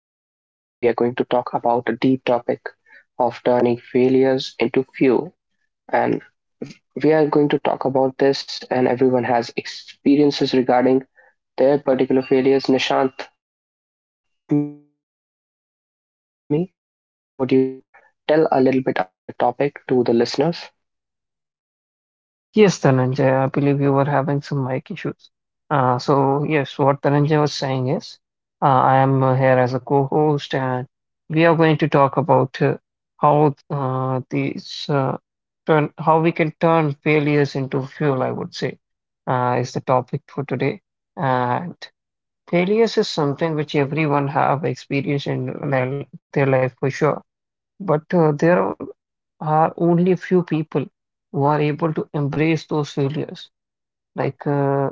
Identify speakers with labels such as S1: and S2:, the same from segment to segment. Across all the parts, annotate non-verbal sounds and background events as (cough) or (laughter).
S1: podcast. Today, we are going to talk about a deep topic of turning failures into fuel. And we are going to talk about this, and everyone has experiences regarding their particular failures. Nishant is here with me. Nishant, would you tell a little bit about the topic to the listeners?
S2: Yes, Dhananjay, I believe you were having some mic issues. Yes, what Dhananjay was saying is, I am here as a co-host, and we are going to talk about how how we can turn failures into fuel, I would say, is the topic for today. And failures is something which everyone have experienced in their life for sure but there are only a few people who are able to embrace those failures. Like uh,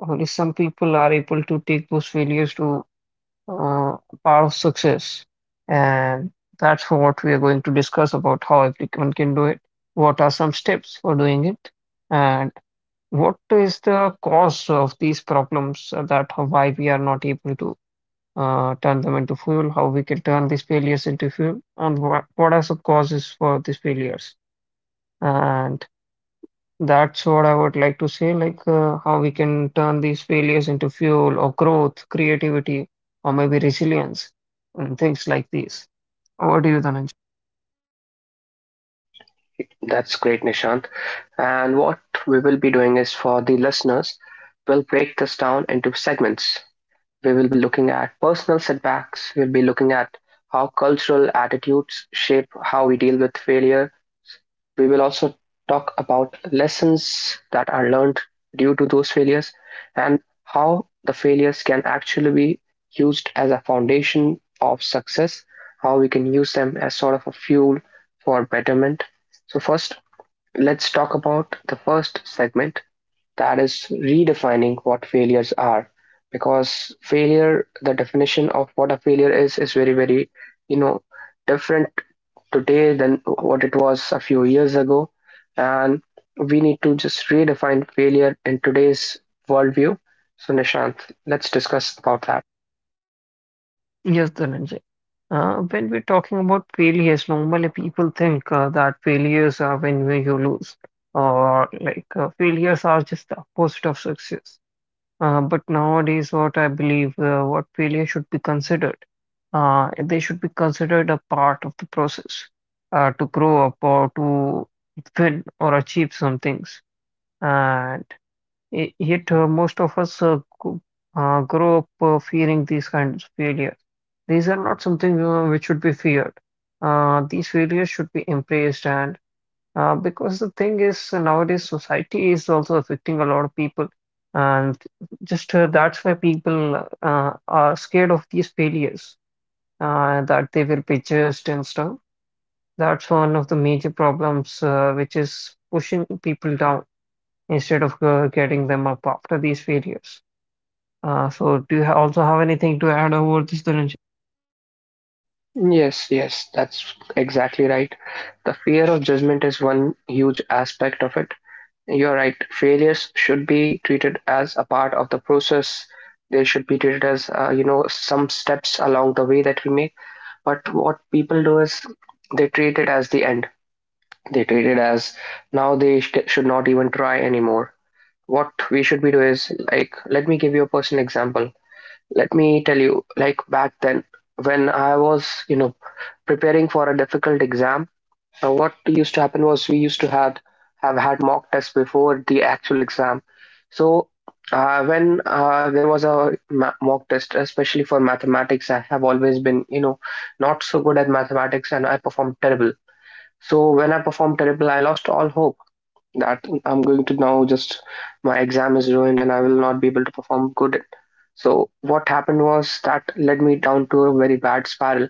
S2: only some people are able to take those failures to uh, part of success, and that's what we are going to discuss about how everyone can do it. What are some steps for doing it, and what is the cause of these problems that why we are not able to turn them into fuel, how we can turn these failures into fuel, and what are the causes for these failures. And that's what I would like to say, how we can turn these failures into fuel or growth, creativity, or maybe resilience, and things like these. What do you, Dhananjay?
S1: That's great, Nishant. And what we will be doing is, for the listeners, we'll break this down into segments. We will be looking at personal setbacks, we'll be looking at how cultural attitudes shape how we deal with failure. We will also talk about lessons that are learned due to those failures, and how the failures can actually be used as a foundation of success, how we can use them as sort of a fuel for betterment. So, first, let's talk about the first segment, that is redefining what failures are, because failure the definition of what a failure is very you know different today than what it was a few years ago, and we need to just redefine failure in today's worldview. So Nishant, let's discuss about that.
S2: Yes, Dhananjay. When we're talking about failures, normally people think that failures are when you lose, or failures are just the opposite of success. But nowadays, what I believe, what failure should be considered, they should be considered a part of the process to grow up or to win or achieve some things. And yet, most of us grow up fearing these kinds of failures. These are not something which should be feared. These failures should be embraced and because the thing is, nowadays society is also affecting a lot of people, and just that's why people are scared of these failures that they will be judged and stuff. That's one of the major problems which is pushing people down instead of getting them up after these failures. So, do you also have anything to add over this, Dhananjay?
S1: Yes, that's exactly right. The fear of judgment is one huge aspect of it. You're right. Failures should be treated as a part of the process. They should be treated as, some steps along the way that we make. But what people do is they treat it as the end. They treat it as, now they should not even try anymore. What we should be doing is, like, let me give you a personal example. Let me tell you, like, back then, when I was, preparing for a difficult exam, what used to happen was we used to have had mock tests before the actual exam. So when there was a mock test, especially for mathematics, I have always been, not so good at mathematics, and I performed terrible. So when I performed terrible, I lost all hope that I'm going to now just, my exam is ruined and I will not be able to perform good. So what happened was that led me down to a very bad spiral.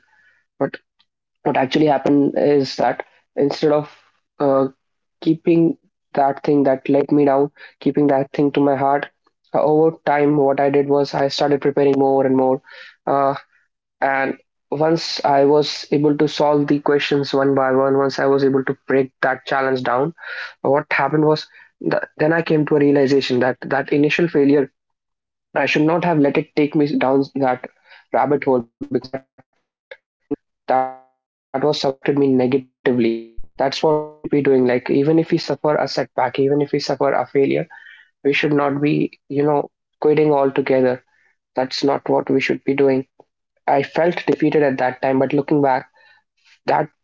S1: But what actually happened is that, instead of uh, keeping that thing that let me down, keeping that thing to my heart, over time, what I did was I started preparing more and more. Uh, and once I was able to solve the questions one by one, once I was able to break that challenge down, what happened was then I came to a realization that that initial failure, I should not have let it take me down that rabbit hole, because that. you know that was something that impacted me negatively. That's what we should be doing. Like, even if we suffer a setback, even if we suffer a failure, we should not be, quitting altogether. That's not what we should be doing. I felt defeated at that time, but looking back, that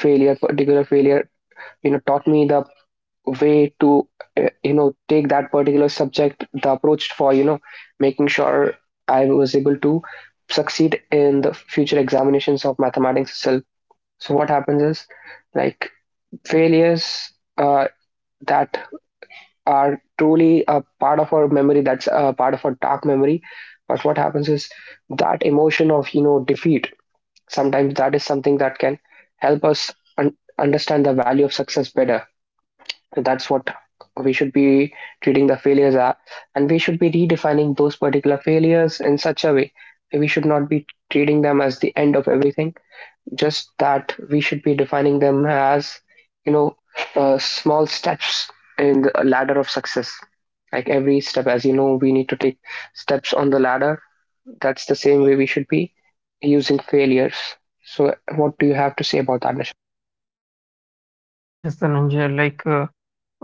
S1: failure particular failure, taught me the way to, take that particular subject, the approach for, making sure I was able to succeed in the future examinations of mathematics itself. So what happens is, like, failures that are truly a part of our memory, that's a part of our dark memory. But what happens is that emotion of, defeat. Sometimes that is something that can help us understand the value of success better. So that's what we should be treating the failures are, and we should be redefining those particular failures in such a way that we should not be treating them as the end of everything. Just that we should be defining them as, you know small steps in the ladder of success. Like every step, as you know, we need to take steps on the ladder, that's the same way we should be using failures. So what do you have to say about that, Nish?
S2: Yes, Dhananjay, like uh,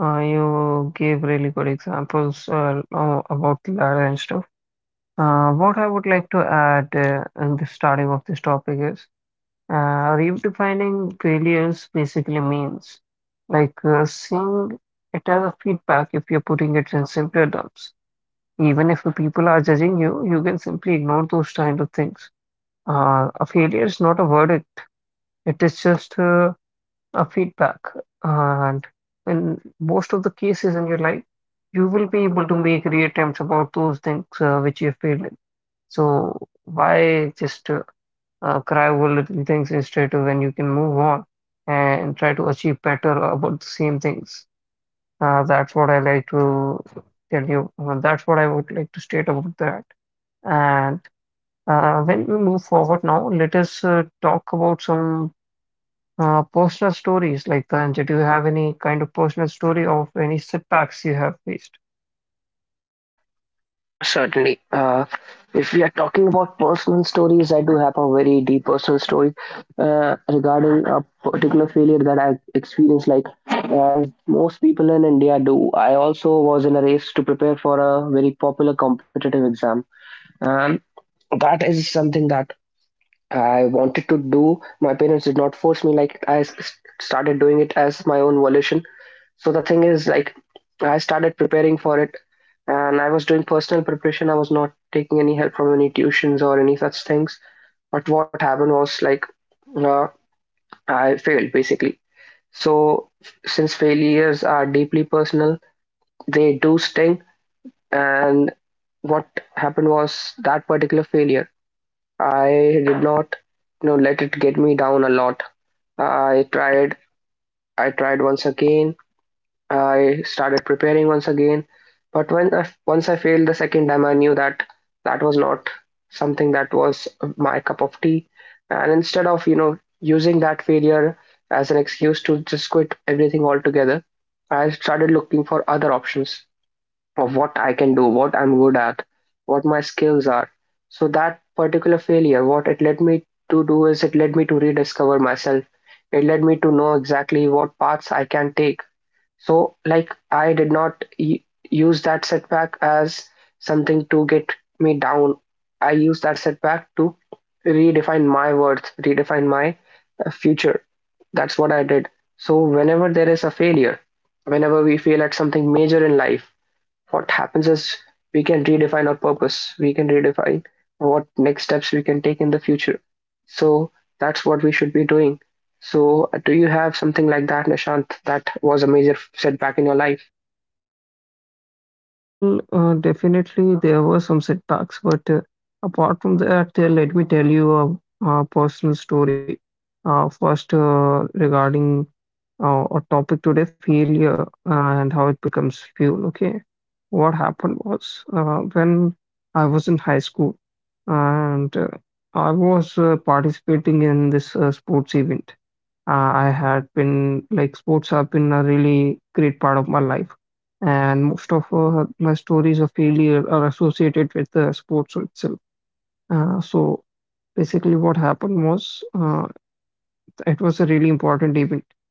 S2: uh, you gave really good examples about ladder and stuff. What I would like to add in the starting of this topic is redefining failures basically means seeing it as a feedback if you're putting it in simpler terms. Even if the people are judging you, you can simply ignore those kind of things. A failure is not a verdict, it is just feedback. And in most of the cases in your life, you will be able to make reattempts about those things which you failed in. So why just cry over little things instead of when you can move on and try to achieve better about the same things? That's what I like to tell you. That's what I would like to state about that. And when we move forward now, let us talk about some personal stories like that. Did you have any kind of personal story of any setbacks you have faced?
S1: Certainly. If we are talking about personal stories, I do have a very deep personal story regarding a particular failure that I experienced. Like as most people in India do, I also was in a race to prepare for a very popular competitive exam, and that is something that I wanted to do. My parents did not force me; like, started doing it as my own volition. So the thing is, like, I started preparing for it, and I was doing personal preparation. I was not taking any help from any tuitions or any such things. But what happened was, like, uh, I failed basically. So, since failures are deeply personal, they do sting. And what happened was, that particular failure, I did not, you know, let it get me down a lot. I tried, I tried once again. I started preparing once again. But when once I failed the second time, I knew that that was not something that was my cup of tea. And instead of, you know, using that failure as an excuse to just quit everything altogether, I started looking for other options of what I can do, what I'm good at, what my skills are. So that particular failure, what it led me to do is, it led me to rediscover myself. It led me to know exactly what paths I can take. So, like, I did not use that setback as something to get me down. I used that setback to redefine my worth, redefine my, future. That's what I did. So, whenever there is a failure, whenever we fail at something major in life, what happens is we can redefine our purpose, we can redefine what next steps we can take in the future. So that's what we should be doing. So do you have something like that, Nishant, that was a major setback in your life?
S2: Well, definitely there were some setbacks, but apart from that, let me tell you a personal story. First, regarding our topic today, failure uh, and how it becomes fuel. Okay, what happened was when I was in high school and I was participating in this sports event. I had been like sports have been a really great part of my life, and most of my stories of failure are associated with the sports itself. So basically, what happened was it was a really important event,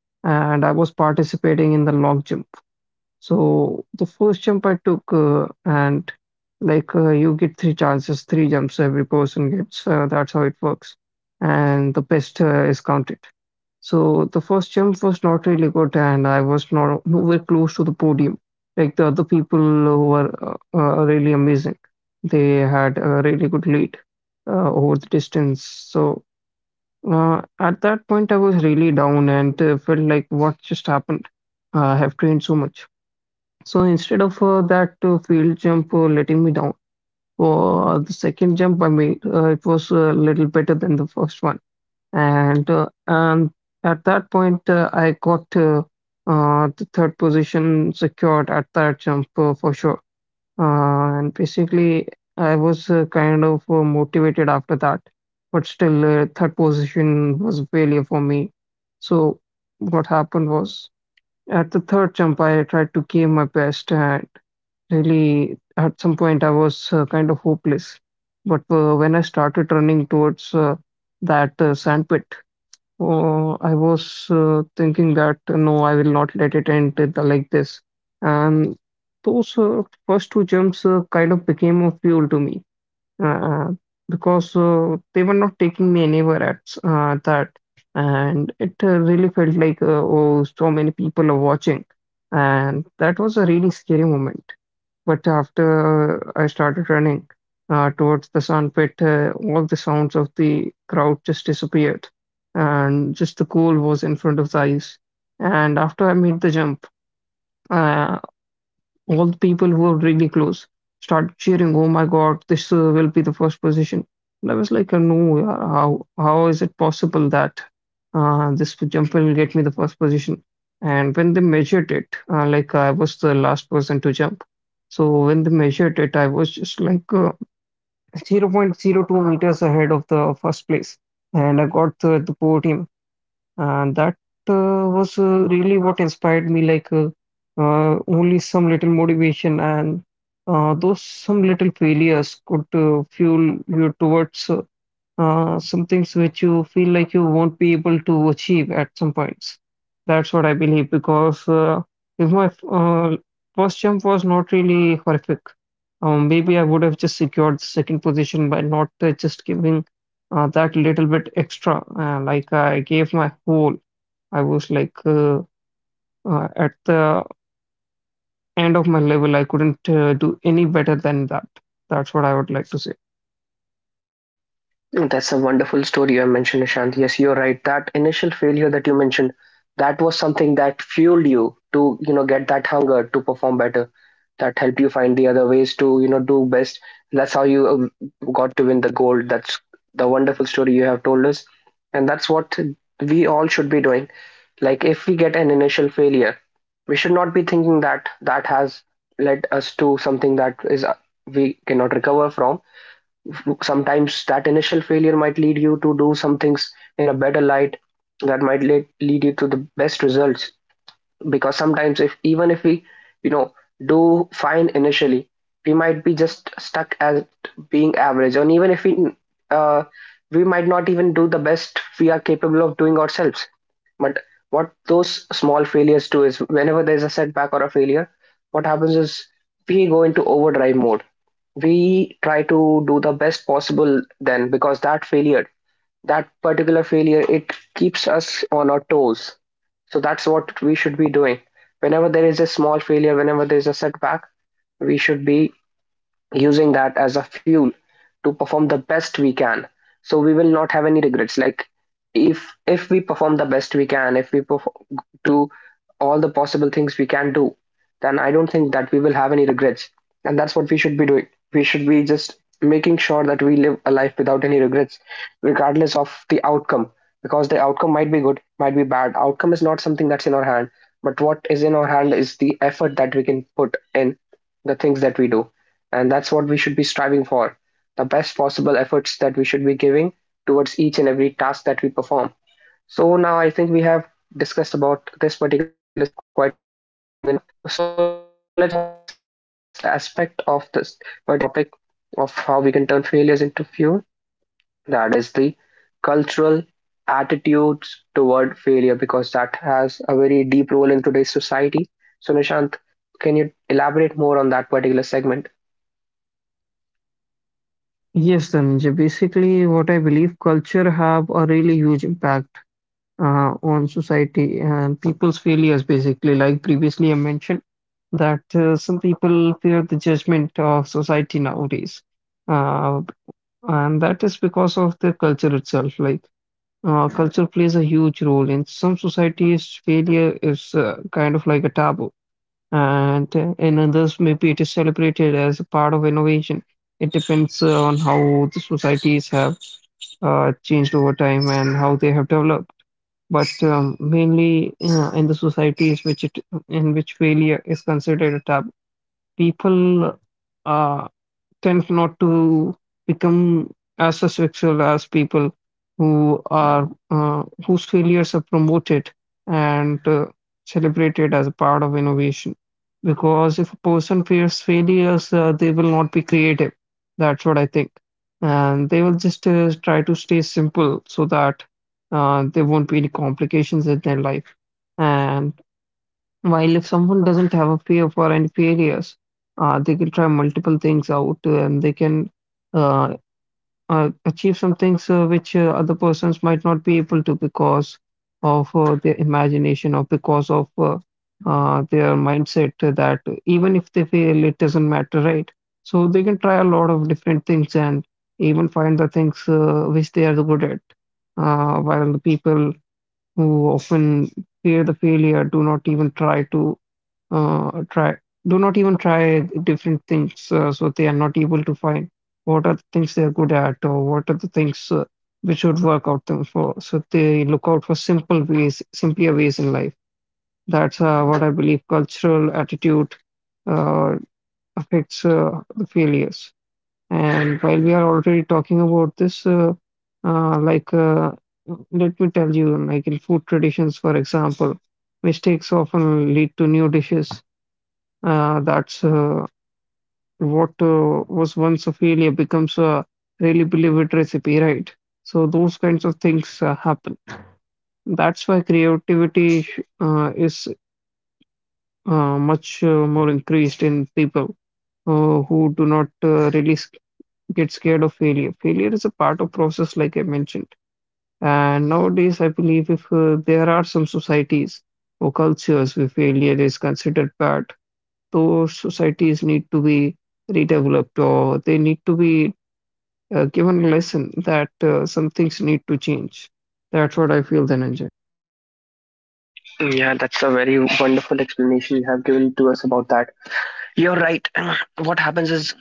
S2: and I was participating in the long jump. So the first jump I took, and you get three chances, three jumps every person gets. That's how it works, and the best is counted. So the first jump was not really good, and I was not nowhere close to the podium. Like the other people who were really amazing, they had a really good lead over the distance. So at that point, I was really down and felt like what just happened. I have trained so much. So instead of that field jump letting me down, for the second jump I made, it was a little better than the first one and at that point I got the third position secured at that jump for sure. And basically, I was kind of motivated after that, but still, third position was a failure for me. So what happened was at the third jump, I tried to give my best, and really at some point I was kind of hopeless. But when I started running towards that sandpit, I was thinking that no, I will not let it end it like this. And those first two jumps kind of became a fuel to me uh, because they were not taking me anywhere that. And it really felt like, oh, so many people are watching. And that was a really scary moment. But after I started running towards the sun pit, all the sounds of the crowd just disappeared, and just the goal was in front of the eyes. And after I made the jump, uh, all the people who were really close started cheering, "Oh my God, this will be the first position." And I was like, "No, yaar, how is it possible that this jumper will get me the first position?" And when they measured it, like I was the last person to jump, so when they measured it, I was just like zero point zero 0.02 meters ahead of the first place, and I got the podium. And that was really what inspired me, only some little motivation and those some little failures could fuel you towards some things which you feel like you won't be able to achieve at some points. That's what I believe because if my first jump was not really horrific, maybe I would have just secured the second position by not just giving that little bit extra. Like I gave my whole, I was like at the end of my level, I couldn't do any better than that. That's what I would like to say.
S1: That's a wonderful story you mentioned, Nishant. Yes, you're right. That initial failure that you mentioned, that was something that fueled you to, you know, get that hunger to perform better. That helped you find the other ways to, you know, do best. That's how you got to win the gold. That's the wonderful story you have told us, and that's what we all should be doing. Like, if we get an initial failure, we should not be thinking that that has led us to something that is we cannot recover from. Sometimes that initial failure might lead you to do some things in a better light, that might lead you to the best results. Because sometimes, if even if we, you know do fine initially, we might be just stuck at being average, and even if we, uh, we might not even do the best we are capable of doing ourselves. But what those small failures do is, whenever there's a setback or a failure, what happens is we go into overdrive mode. We try to do the best possible then, because that failure, that particular failure, it keeps us on our toes. So that's what we should be doing. Whenever there is a small failure, whenever there is a setback, we should be using that as a fuel to perform the best we can, so we will not have any regrets. Like, if we perform the best we can, if we do all the possible things we can do, then I don't think that we will have any regrets. And that's what we should be doing. We should be just making sure that we live a life without any regrets, regardless of the outcome. Because the outcome might be good, might be bad. Outcome is not something that's in our hand, but what is in our hand is the effort that we can put in, the things that we do. And that's what we should be striving for, the best possible efforts that we should be giving towards each and every task that we perform. So now I think we have discussed about this particular segment quite long enough. So let's move on to the next aspect of this particular topic of how we can turn failures into fuel. That is the cultural attitudes toward failure, because that has a very deep role in today's society. So Nishant, can you elaborate more on that particular segment?
S2: Yes, Dhananjay. Basically, what I believe culture have a really huge impact on society and people's failures. Basically, like previously I mentioned, that some people fear the judgment of society nowadays, uh, and that is because of the culture itself. Like, culture plays a huge role in some societies. Failure is kind of like a taboo, and in others, maybe it is celebrated as a part of innovation. It depends on how the societies have changed over time and how they have developed. But mainly in the societies in which failure is considered a taboo, people uh, tends not to become as successful as people who are whose failures are promoted and celebrated as a part of innovation. Because if a person fears failures, they will not be creative. That's what I think, and they will just try to stay simple so that there won't be any complications in their life. And while if someone doesn't have a fear for any failures, they can try multiple things out and they can uh, achieve some things which other persons might not be able to because of their imagination or because of their mindset that even if they fail, it doesn't matter, right? So they can try a lot of different things and even find the things which they are good at. While the people who often fear the failure do not even try to try do not even try different things so they are not able to find what are the things they are good at or what are the things which would work out them for so they look out for simpler ways in life. That's what I believe cultural attitude uh, affects the failures. And while we are already talking about this, uh, like uh, let me tell you like in food traditions for example mistakes often lead to new dishes. That's What was once a failure becomes a really beloved recipe, right? So those kinds of things happen. That's why creativity is much more increased in people who do not really get scared of failure. Failure is a part of process, like I mentioned. And nowadays, I believe if there are some societies or cultures where failure is considered bad, those societies need to be redeveloped or they need to be given a lesson that some things need to change. That's what I feel, then, Dhananjay.
S1: Yeah, that's a very wonderful explanation you have given to us about that. You're right. (clears throat) What happens is,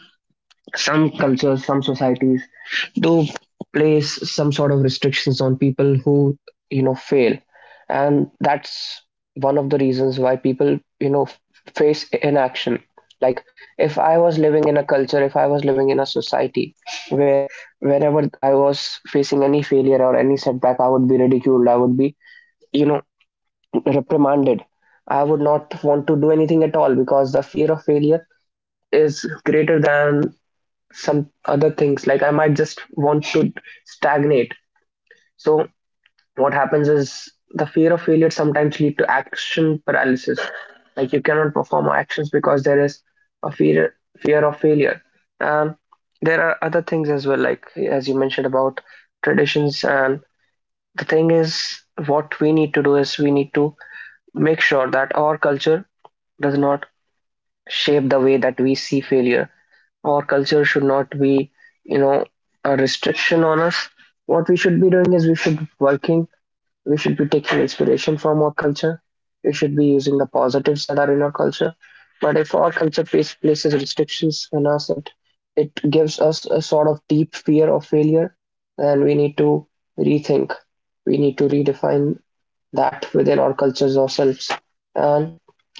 S1: some cultures, some societies do place some sort of restrictions on people who, you know, fail. And that's one of the reasons why people, you know, face inaction. Like if I was living in a culture, if I was living in a society where whenever I was facing any failure or any setback, I would be ridiculed, I would be, you know, reprimanded. I would not want to do anything at all because the fear of failure is greater than some other things. Like I might just want to stagnate. So what happens is the fear of failure sometimes lead to action paralysis. Like you cannot perform actions because there is a fear of failure. And there are other things as well, like as you mentioned about traditions. And the thing is, what we need to do is we need to make sure that our culture does not shape the way that we see failure. Our culture should not be, you know, a restriction on us. What we should be doing is we should be working, we should be taking inspiration from our culture, we should be using the positives that are in our culture. But if our culture places restrictions on us, it gives us a sort of deep fear of failure, then we need to rethink. We need to redefine that within our cultures ourselves. And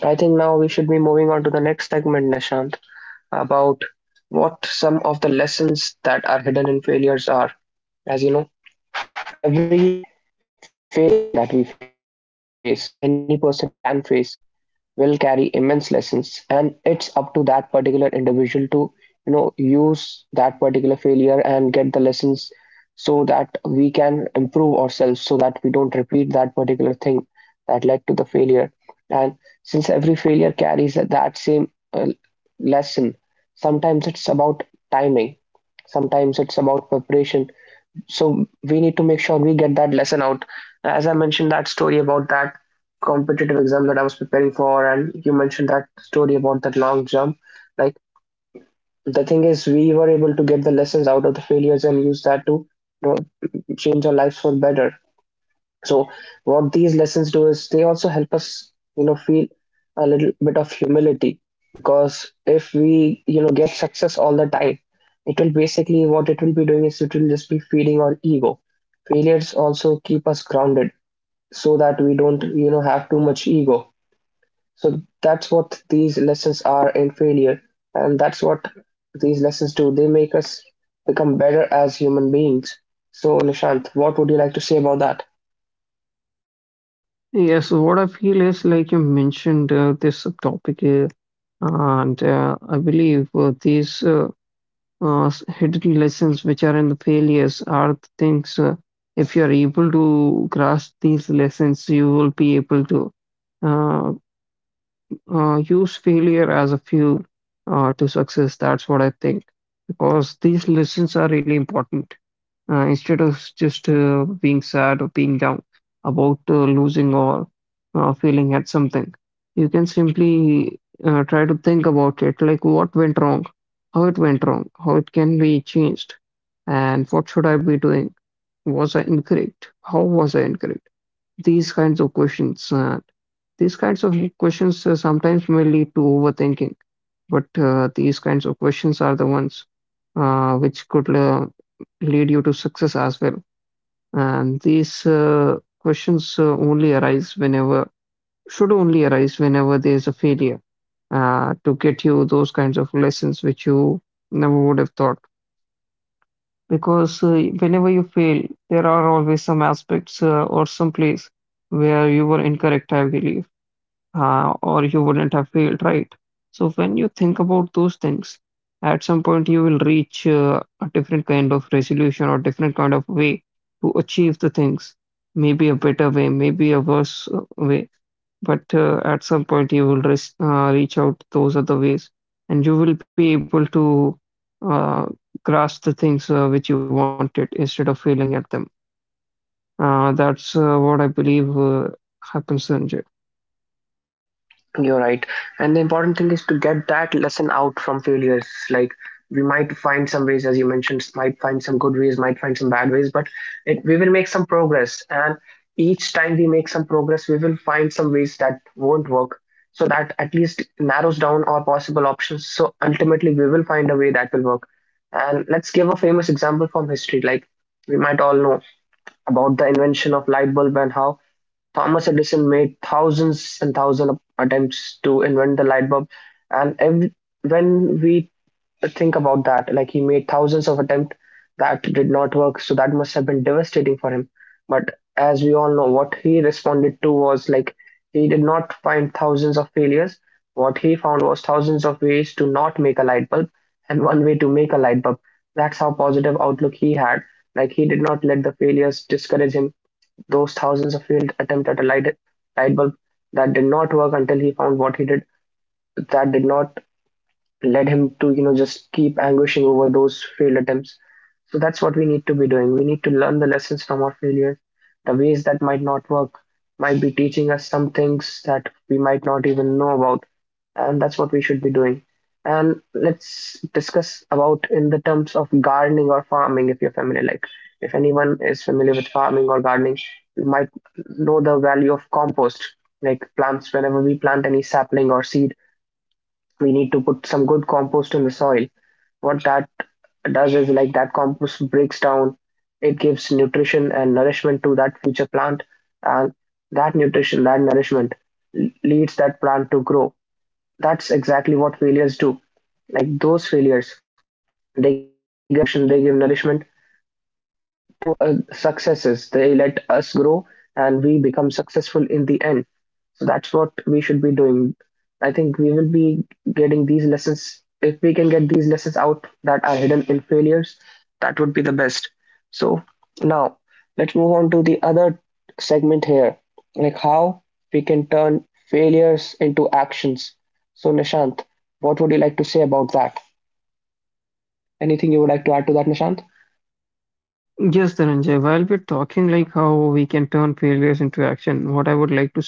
S1: I think now we should be moving on to the next segment, Nishant, about what some of the lessons that are hidden in failures are. As you know, every failure that we face, every failure that any person can face, will carry immense lessons, and it's up to that particular individual to use that particular failure and get the lessons so that we can improve ourselves so that we don't repeat that particular thing that led to the failure. And since every failure carries that same lesson, sometimes it's about timing, sometimes it's about preparation, so we need to make sure we get that lesson out. As I mentioned that story about that competitive exam that I was preparing for, and you mentioned that story about that long jump, like the thing is we were able to get the lessons out of the failures and use that to, you know, change our lives for better. So what these lessons do is they also help us, feel a little bit of humility, because if we, get success all the time, it will basically, what it will be doing is it will just be feeding our ego. Failures also keep us grounded so that we don't, have too much ego. So that's what these lessons are in failure, and that's what these lessons do. They make us become better as human beings. So Nishant, what would you like to say about that?
S2: Yes, so what I feel is like you mentioned this topic, and I believe these hidden lessons which are in the failures are the things. If you are able to grasp these lessons, you will be able to uh, use failure as a fuel to success. That's what I think. Because these lessons are really important. Instead of just being sad or being down about losing or failing at something, you can simply try to think about it like what went wrong, how it went wrong, how it can be changed, and what should I be doing? Was I incorrect? How was I incorrect? These kinds of questions. These kinds of questions sometimes may lead to overthinking, but these kinds of questions are the ones which could lead you to success as well. And these questions only arise should only arise whenever there's a failure to get you those kinds of lessons which you never would have thought. Because whenever you fail, there are always some aspects or some place where you were incorrect, I believe, or you wouldn't have failed, right? So when you think about those things, at some point you will reach a different kind of resolution or different kind of way to achieve the things. Maybe a better way, maybe a worse way, but at some point you will reach out those other ways, and you will be able to uh, grasp the things which you wanted instead of failing at them. That's what I believe happens, Sanjay.
S1: You're right. And the important thing is to get that lesson out from failures. Like we might find some ways, as you mentioned, might find some good ways, might find some bad ways, but we will make some progress. And each time we make some progress, we will find some ways that won't work. So that at least narrows down our possible options. So ultimately, we will find a way that will work. And let's give a famous example from history. Like we might all know about the invention of light bulb and how Thomas Edison made thousands and thousands of attempts to invent the light bulb, and when we think about that, like he made thousands of attempts that did not work, so that must have been devastating for him. But as we all know, what he responded to was like he did not find thousands of failures. What he found was thousands of ways to not make a light bulb and one way to make a light bulb. That's how positive outlook he had. Like he did not let the failures discourage him, those thousands of failed attempts at a light bulb that did not work, until he found what he did that did not led him to just keep anguishing over those failed attempts. So that's what we need to be doing. We need to learn the lessons from our failures. The ways that might not work might be teaching us some things that we might not even know about, and that's what we should be doing. And let's discuss about in the terms of gardening or farming, if you're familiar, like if anyone is familiar with farming or gardening, you might know the value of compost. Like plants, whenever we plant any sapling or seed, we need to put some good compost in the soil. What that does is like that compost breaks down, it gives nutrition and nourishment to that future plant, and that nutrition, that nourishment leads that plant to grow. That's exactly what failures do. Like those failures, they give nutrition, they give nourishment, to successes. They let us grow and we become successful in the end. So that's what we should be doing. I think we will be getting these lessons. If we can get these lessons out that are hidden in failures, that would be the best. So now let's move on to the other segment here, like how we can turn failures into actions. So Nishant, what would you like to say about that? Anything you would like to add to that, Nishant?
S2: Yes, Dhananjay, while we're talking like how we can turn failures into action, what I would like to say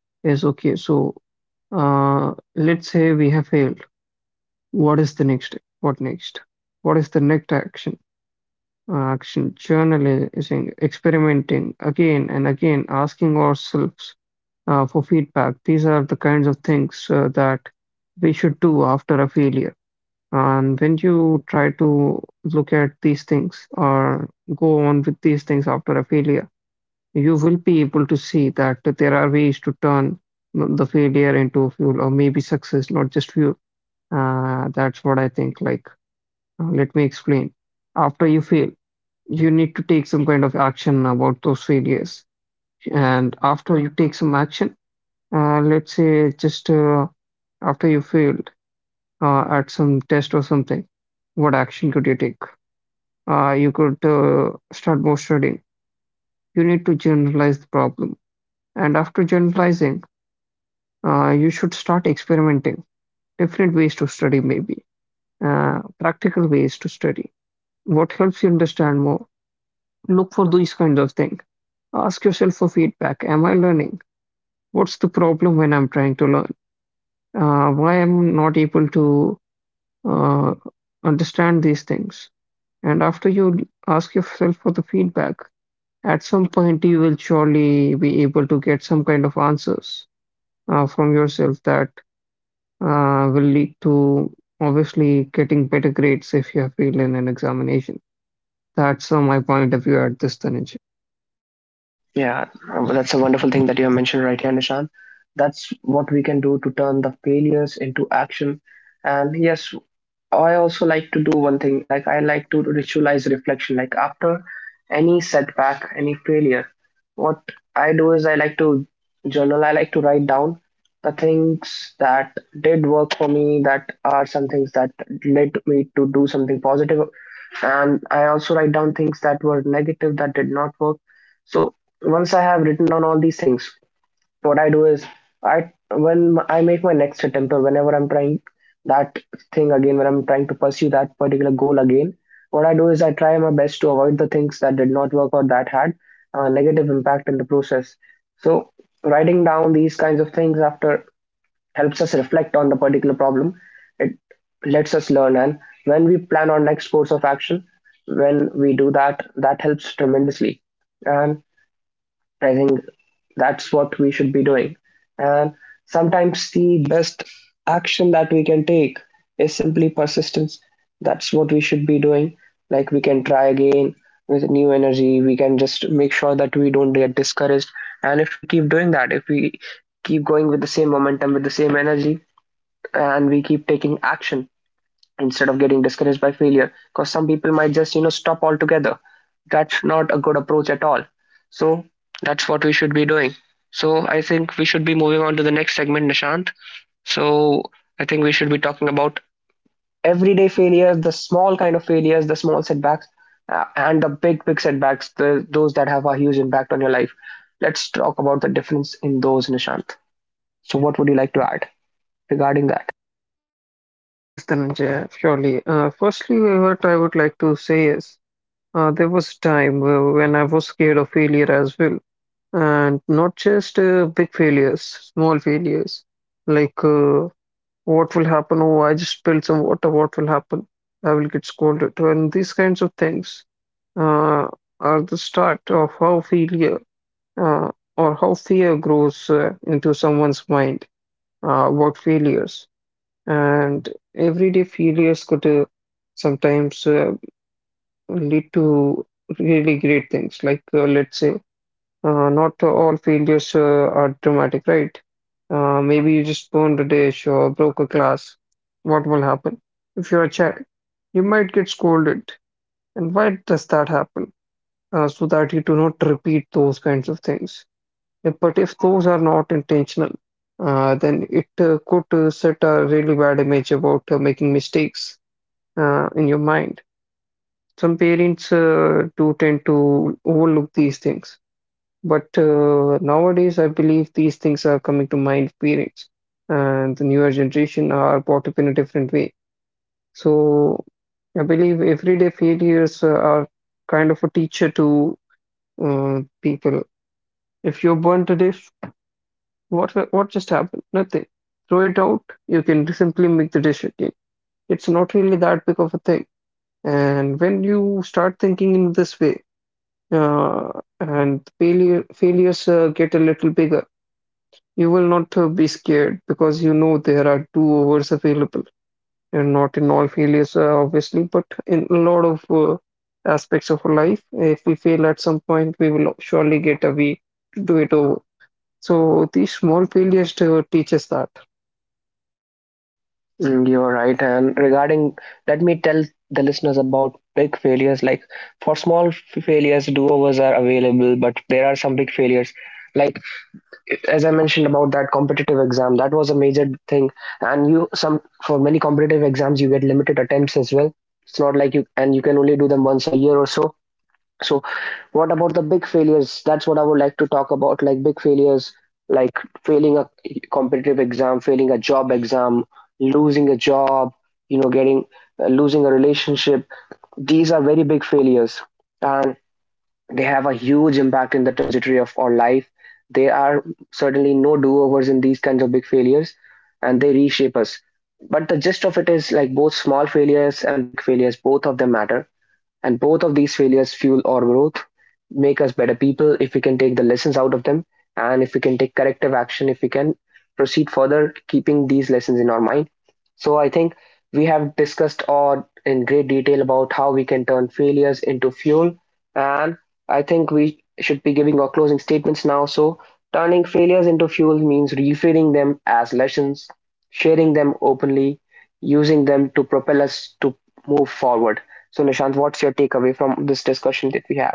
S2: is okay, so let's say we have failed. What is the next step? What next? What is the next action? Action journalizing, experimenting again and again, asking ourselves for feedback. These are the kinds of things that we should do after a failure. And when you try to look at these things or go on with these things after a failure, you will be able to see that there are ways to turn the failure into fuel or maybe success, not just fuel. That's what I think. Like, let me explain. After you fail, you need to take some kind of action about those failures. And after you take some action, let's say just after you failed at some test or something, what action could you take? You could start more studying. You need to generalize the problem. And after generalizing, you should start experimenting. Different ways to study, maybe. Practical ways to study. What helps you understand more? Look for these kinds of things. Ask yourself for feedback. Am I learning? What's the problem when I'm trying to learn? Why am not able to uh, understand these things? And after you ask yourself for the feedback, at some point you will surely be able to get some kind of answers from yourself that will lead to obviously getting better grades if you have failed in an examination. That's my point of view at this, Dhananjay.
S1: Yeah, that's a wonderful thing that you have mentioned right here, Nishan. That's what we can do to turn the failures into action. And yes, I also like to do one thing, like I like to ritualize reflection. Like after any setback, any failure, what I do is I like to journal. I like to write down the things that did work for me, that are some things that led me to do something positive, and I also write down things that were negative that did not work. So once I have written down all these things, what I do is I when I make my next attempt or whenever I'm trying that thing again, when I'm trying to pursue that particular goal again, what I do is I try my best to avoid the things that did not work or that had a negative impact in the process. So writing down these kinds of things after helps us reflect on the particular problem. It lets us learn, and when we plan our next course of action, when we do that, that helps tremendously. And I think that's what we should be doing. And sometimes the best action that we can take is simply persistence. That's what we should be doing. Like we can try again with new energy. We can just make sure that we don't get discouraged. And if we keep doing that, if we keep going with the same momentum, with the same energy, and we keep taking action, instead of getting discouraged by failure, because some people might just stop altogether, that's not a good approach at all. So that's what we should be doing. So I think we should be moving on to the next segment, Nishant. So I think we should be talking about everyday failures, the small kind of failures, the small setbacks, and the big setbacks, the those that have a huge impact on your life. Let's talk about the difference in those, Nishant. So what would you like to add regarding that?
S2: Yes, Dhananjay, surely. Firstly, what I would like to say is there was a time when I was scared of failure as well, and not just big failures, small failures. Like, what will happen? Oh, I just spilled some water. What will happen? I will get scolded. And these kinds of things uh, are the start of how failure uh, or how fear grows into someone's mind about failures. And everyday failures could sometimes lead to really great things. Like, let's say, not all failures are dramatic, right? Maybe you just burned a dish or broke a glass. What will happen? If you're a child, you might get scolded. And why does that happen? So that you do not repeat those kinds of things. But if those are not intentional, then it could set a really bad image about making mistakes in your mind. Some parents do tend to overlook these things, but nowadays I believe these things are coming to mind of parents, and the newer generation are brought up in a different way. So I believe everyday failures are kind of a teacher to people. If you're born to this, what just happened? Nothing. Throw it out. You can simply make the dish again. It's not really that big of a thing. And when you start thinking in this way, uh, and failures get a little bigger, you will not be scared because you know there are two overs available. And not in all failures, obviously, but in a lot of aspects of our life, if we fail at some point, we will surely get a way to do it over. So these small failures to teach us that.
S1: Mm, you're right. And regarding, let me tell the listeners about big failures. Like for small failures, do-overs are available, but there are some big failures. Like as I mentioned about that competitive exam, that was a major thing. And you some for many competitive exams, you get limited attempts as well. It's not like you can only do them once a year or so. So, what about the big failures? That's what I would like to talk about, like big failures, like failing a competitive exam, failing a job exam, losing a job, you know, getting losing a relationship. These are very big failures, and they have a huge impact in the trajectory of our life. There are certainly no do-overs in these kinds of big failures, and they reshape us. But the gist of it is like both small failures and big failures, both of them matter, and both of these failures fuel our growth, make us better people if we can take the lessons out of them, and if we can take corrective action, if we can proceed further, keeping these lessons in our mind. So I think we have discussed all in great detail about how we can turn failures into fuel, and I think we should be giving our closing statements now. So turning failures into fuel means reframing them as lessons, sharing them openly, using them to propel us to move forward. So, Nishant, what's your takeaway from this discussion that we had?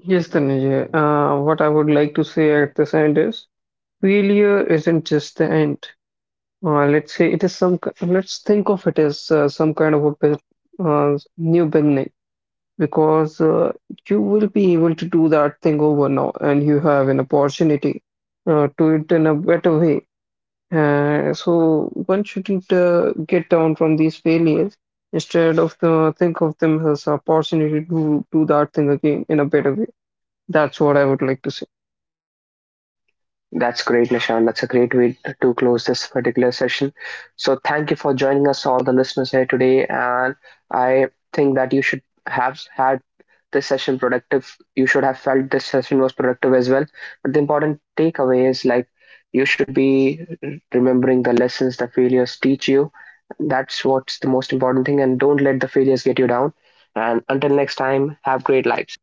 S2: Yes, Tanuja. What I would like to say at this end is failure isn't just the end. Let's say it is let's think of it as some kind of a new beginning because you will be able to do that thing over now and you have an opportunity to it in a better way. So one shouldn't get down from these failures. Instead of the, think of them as opportunity to do that thing again in a better way. That's what I would like to say.
S1: That's great, Nishant. That's a great way to close this particular session. So, thank you for joining us, all the listeners here today. And I think that you should have had this session productive. You should have felt this session was productive as well. But the important takeaway is like you should be remembering the lessons the failures teach you. That's what's the most important thing. And don't let the failures get you down. And until next time, have great lives.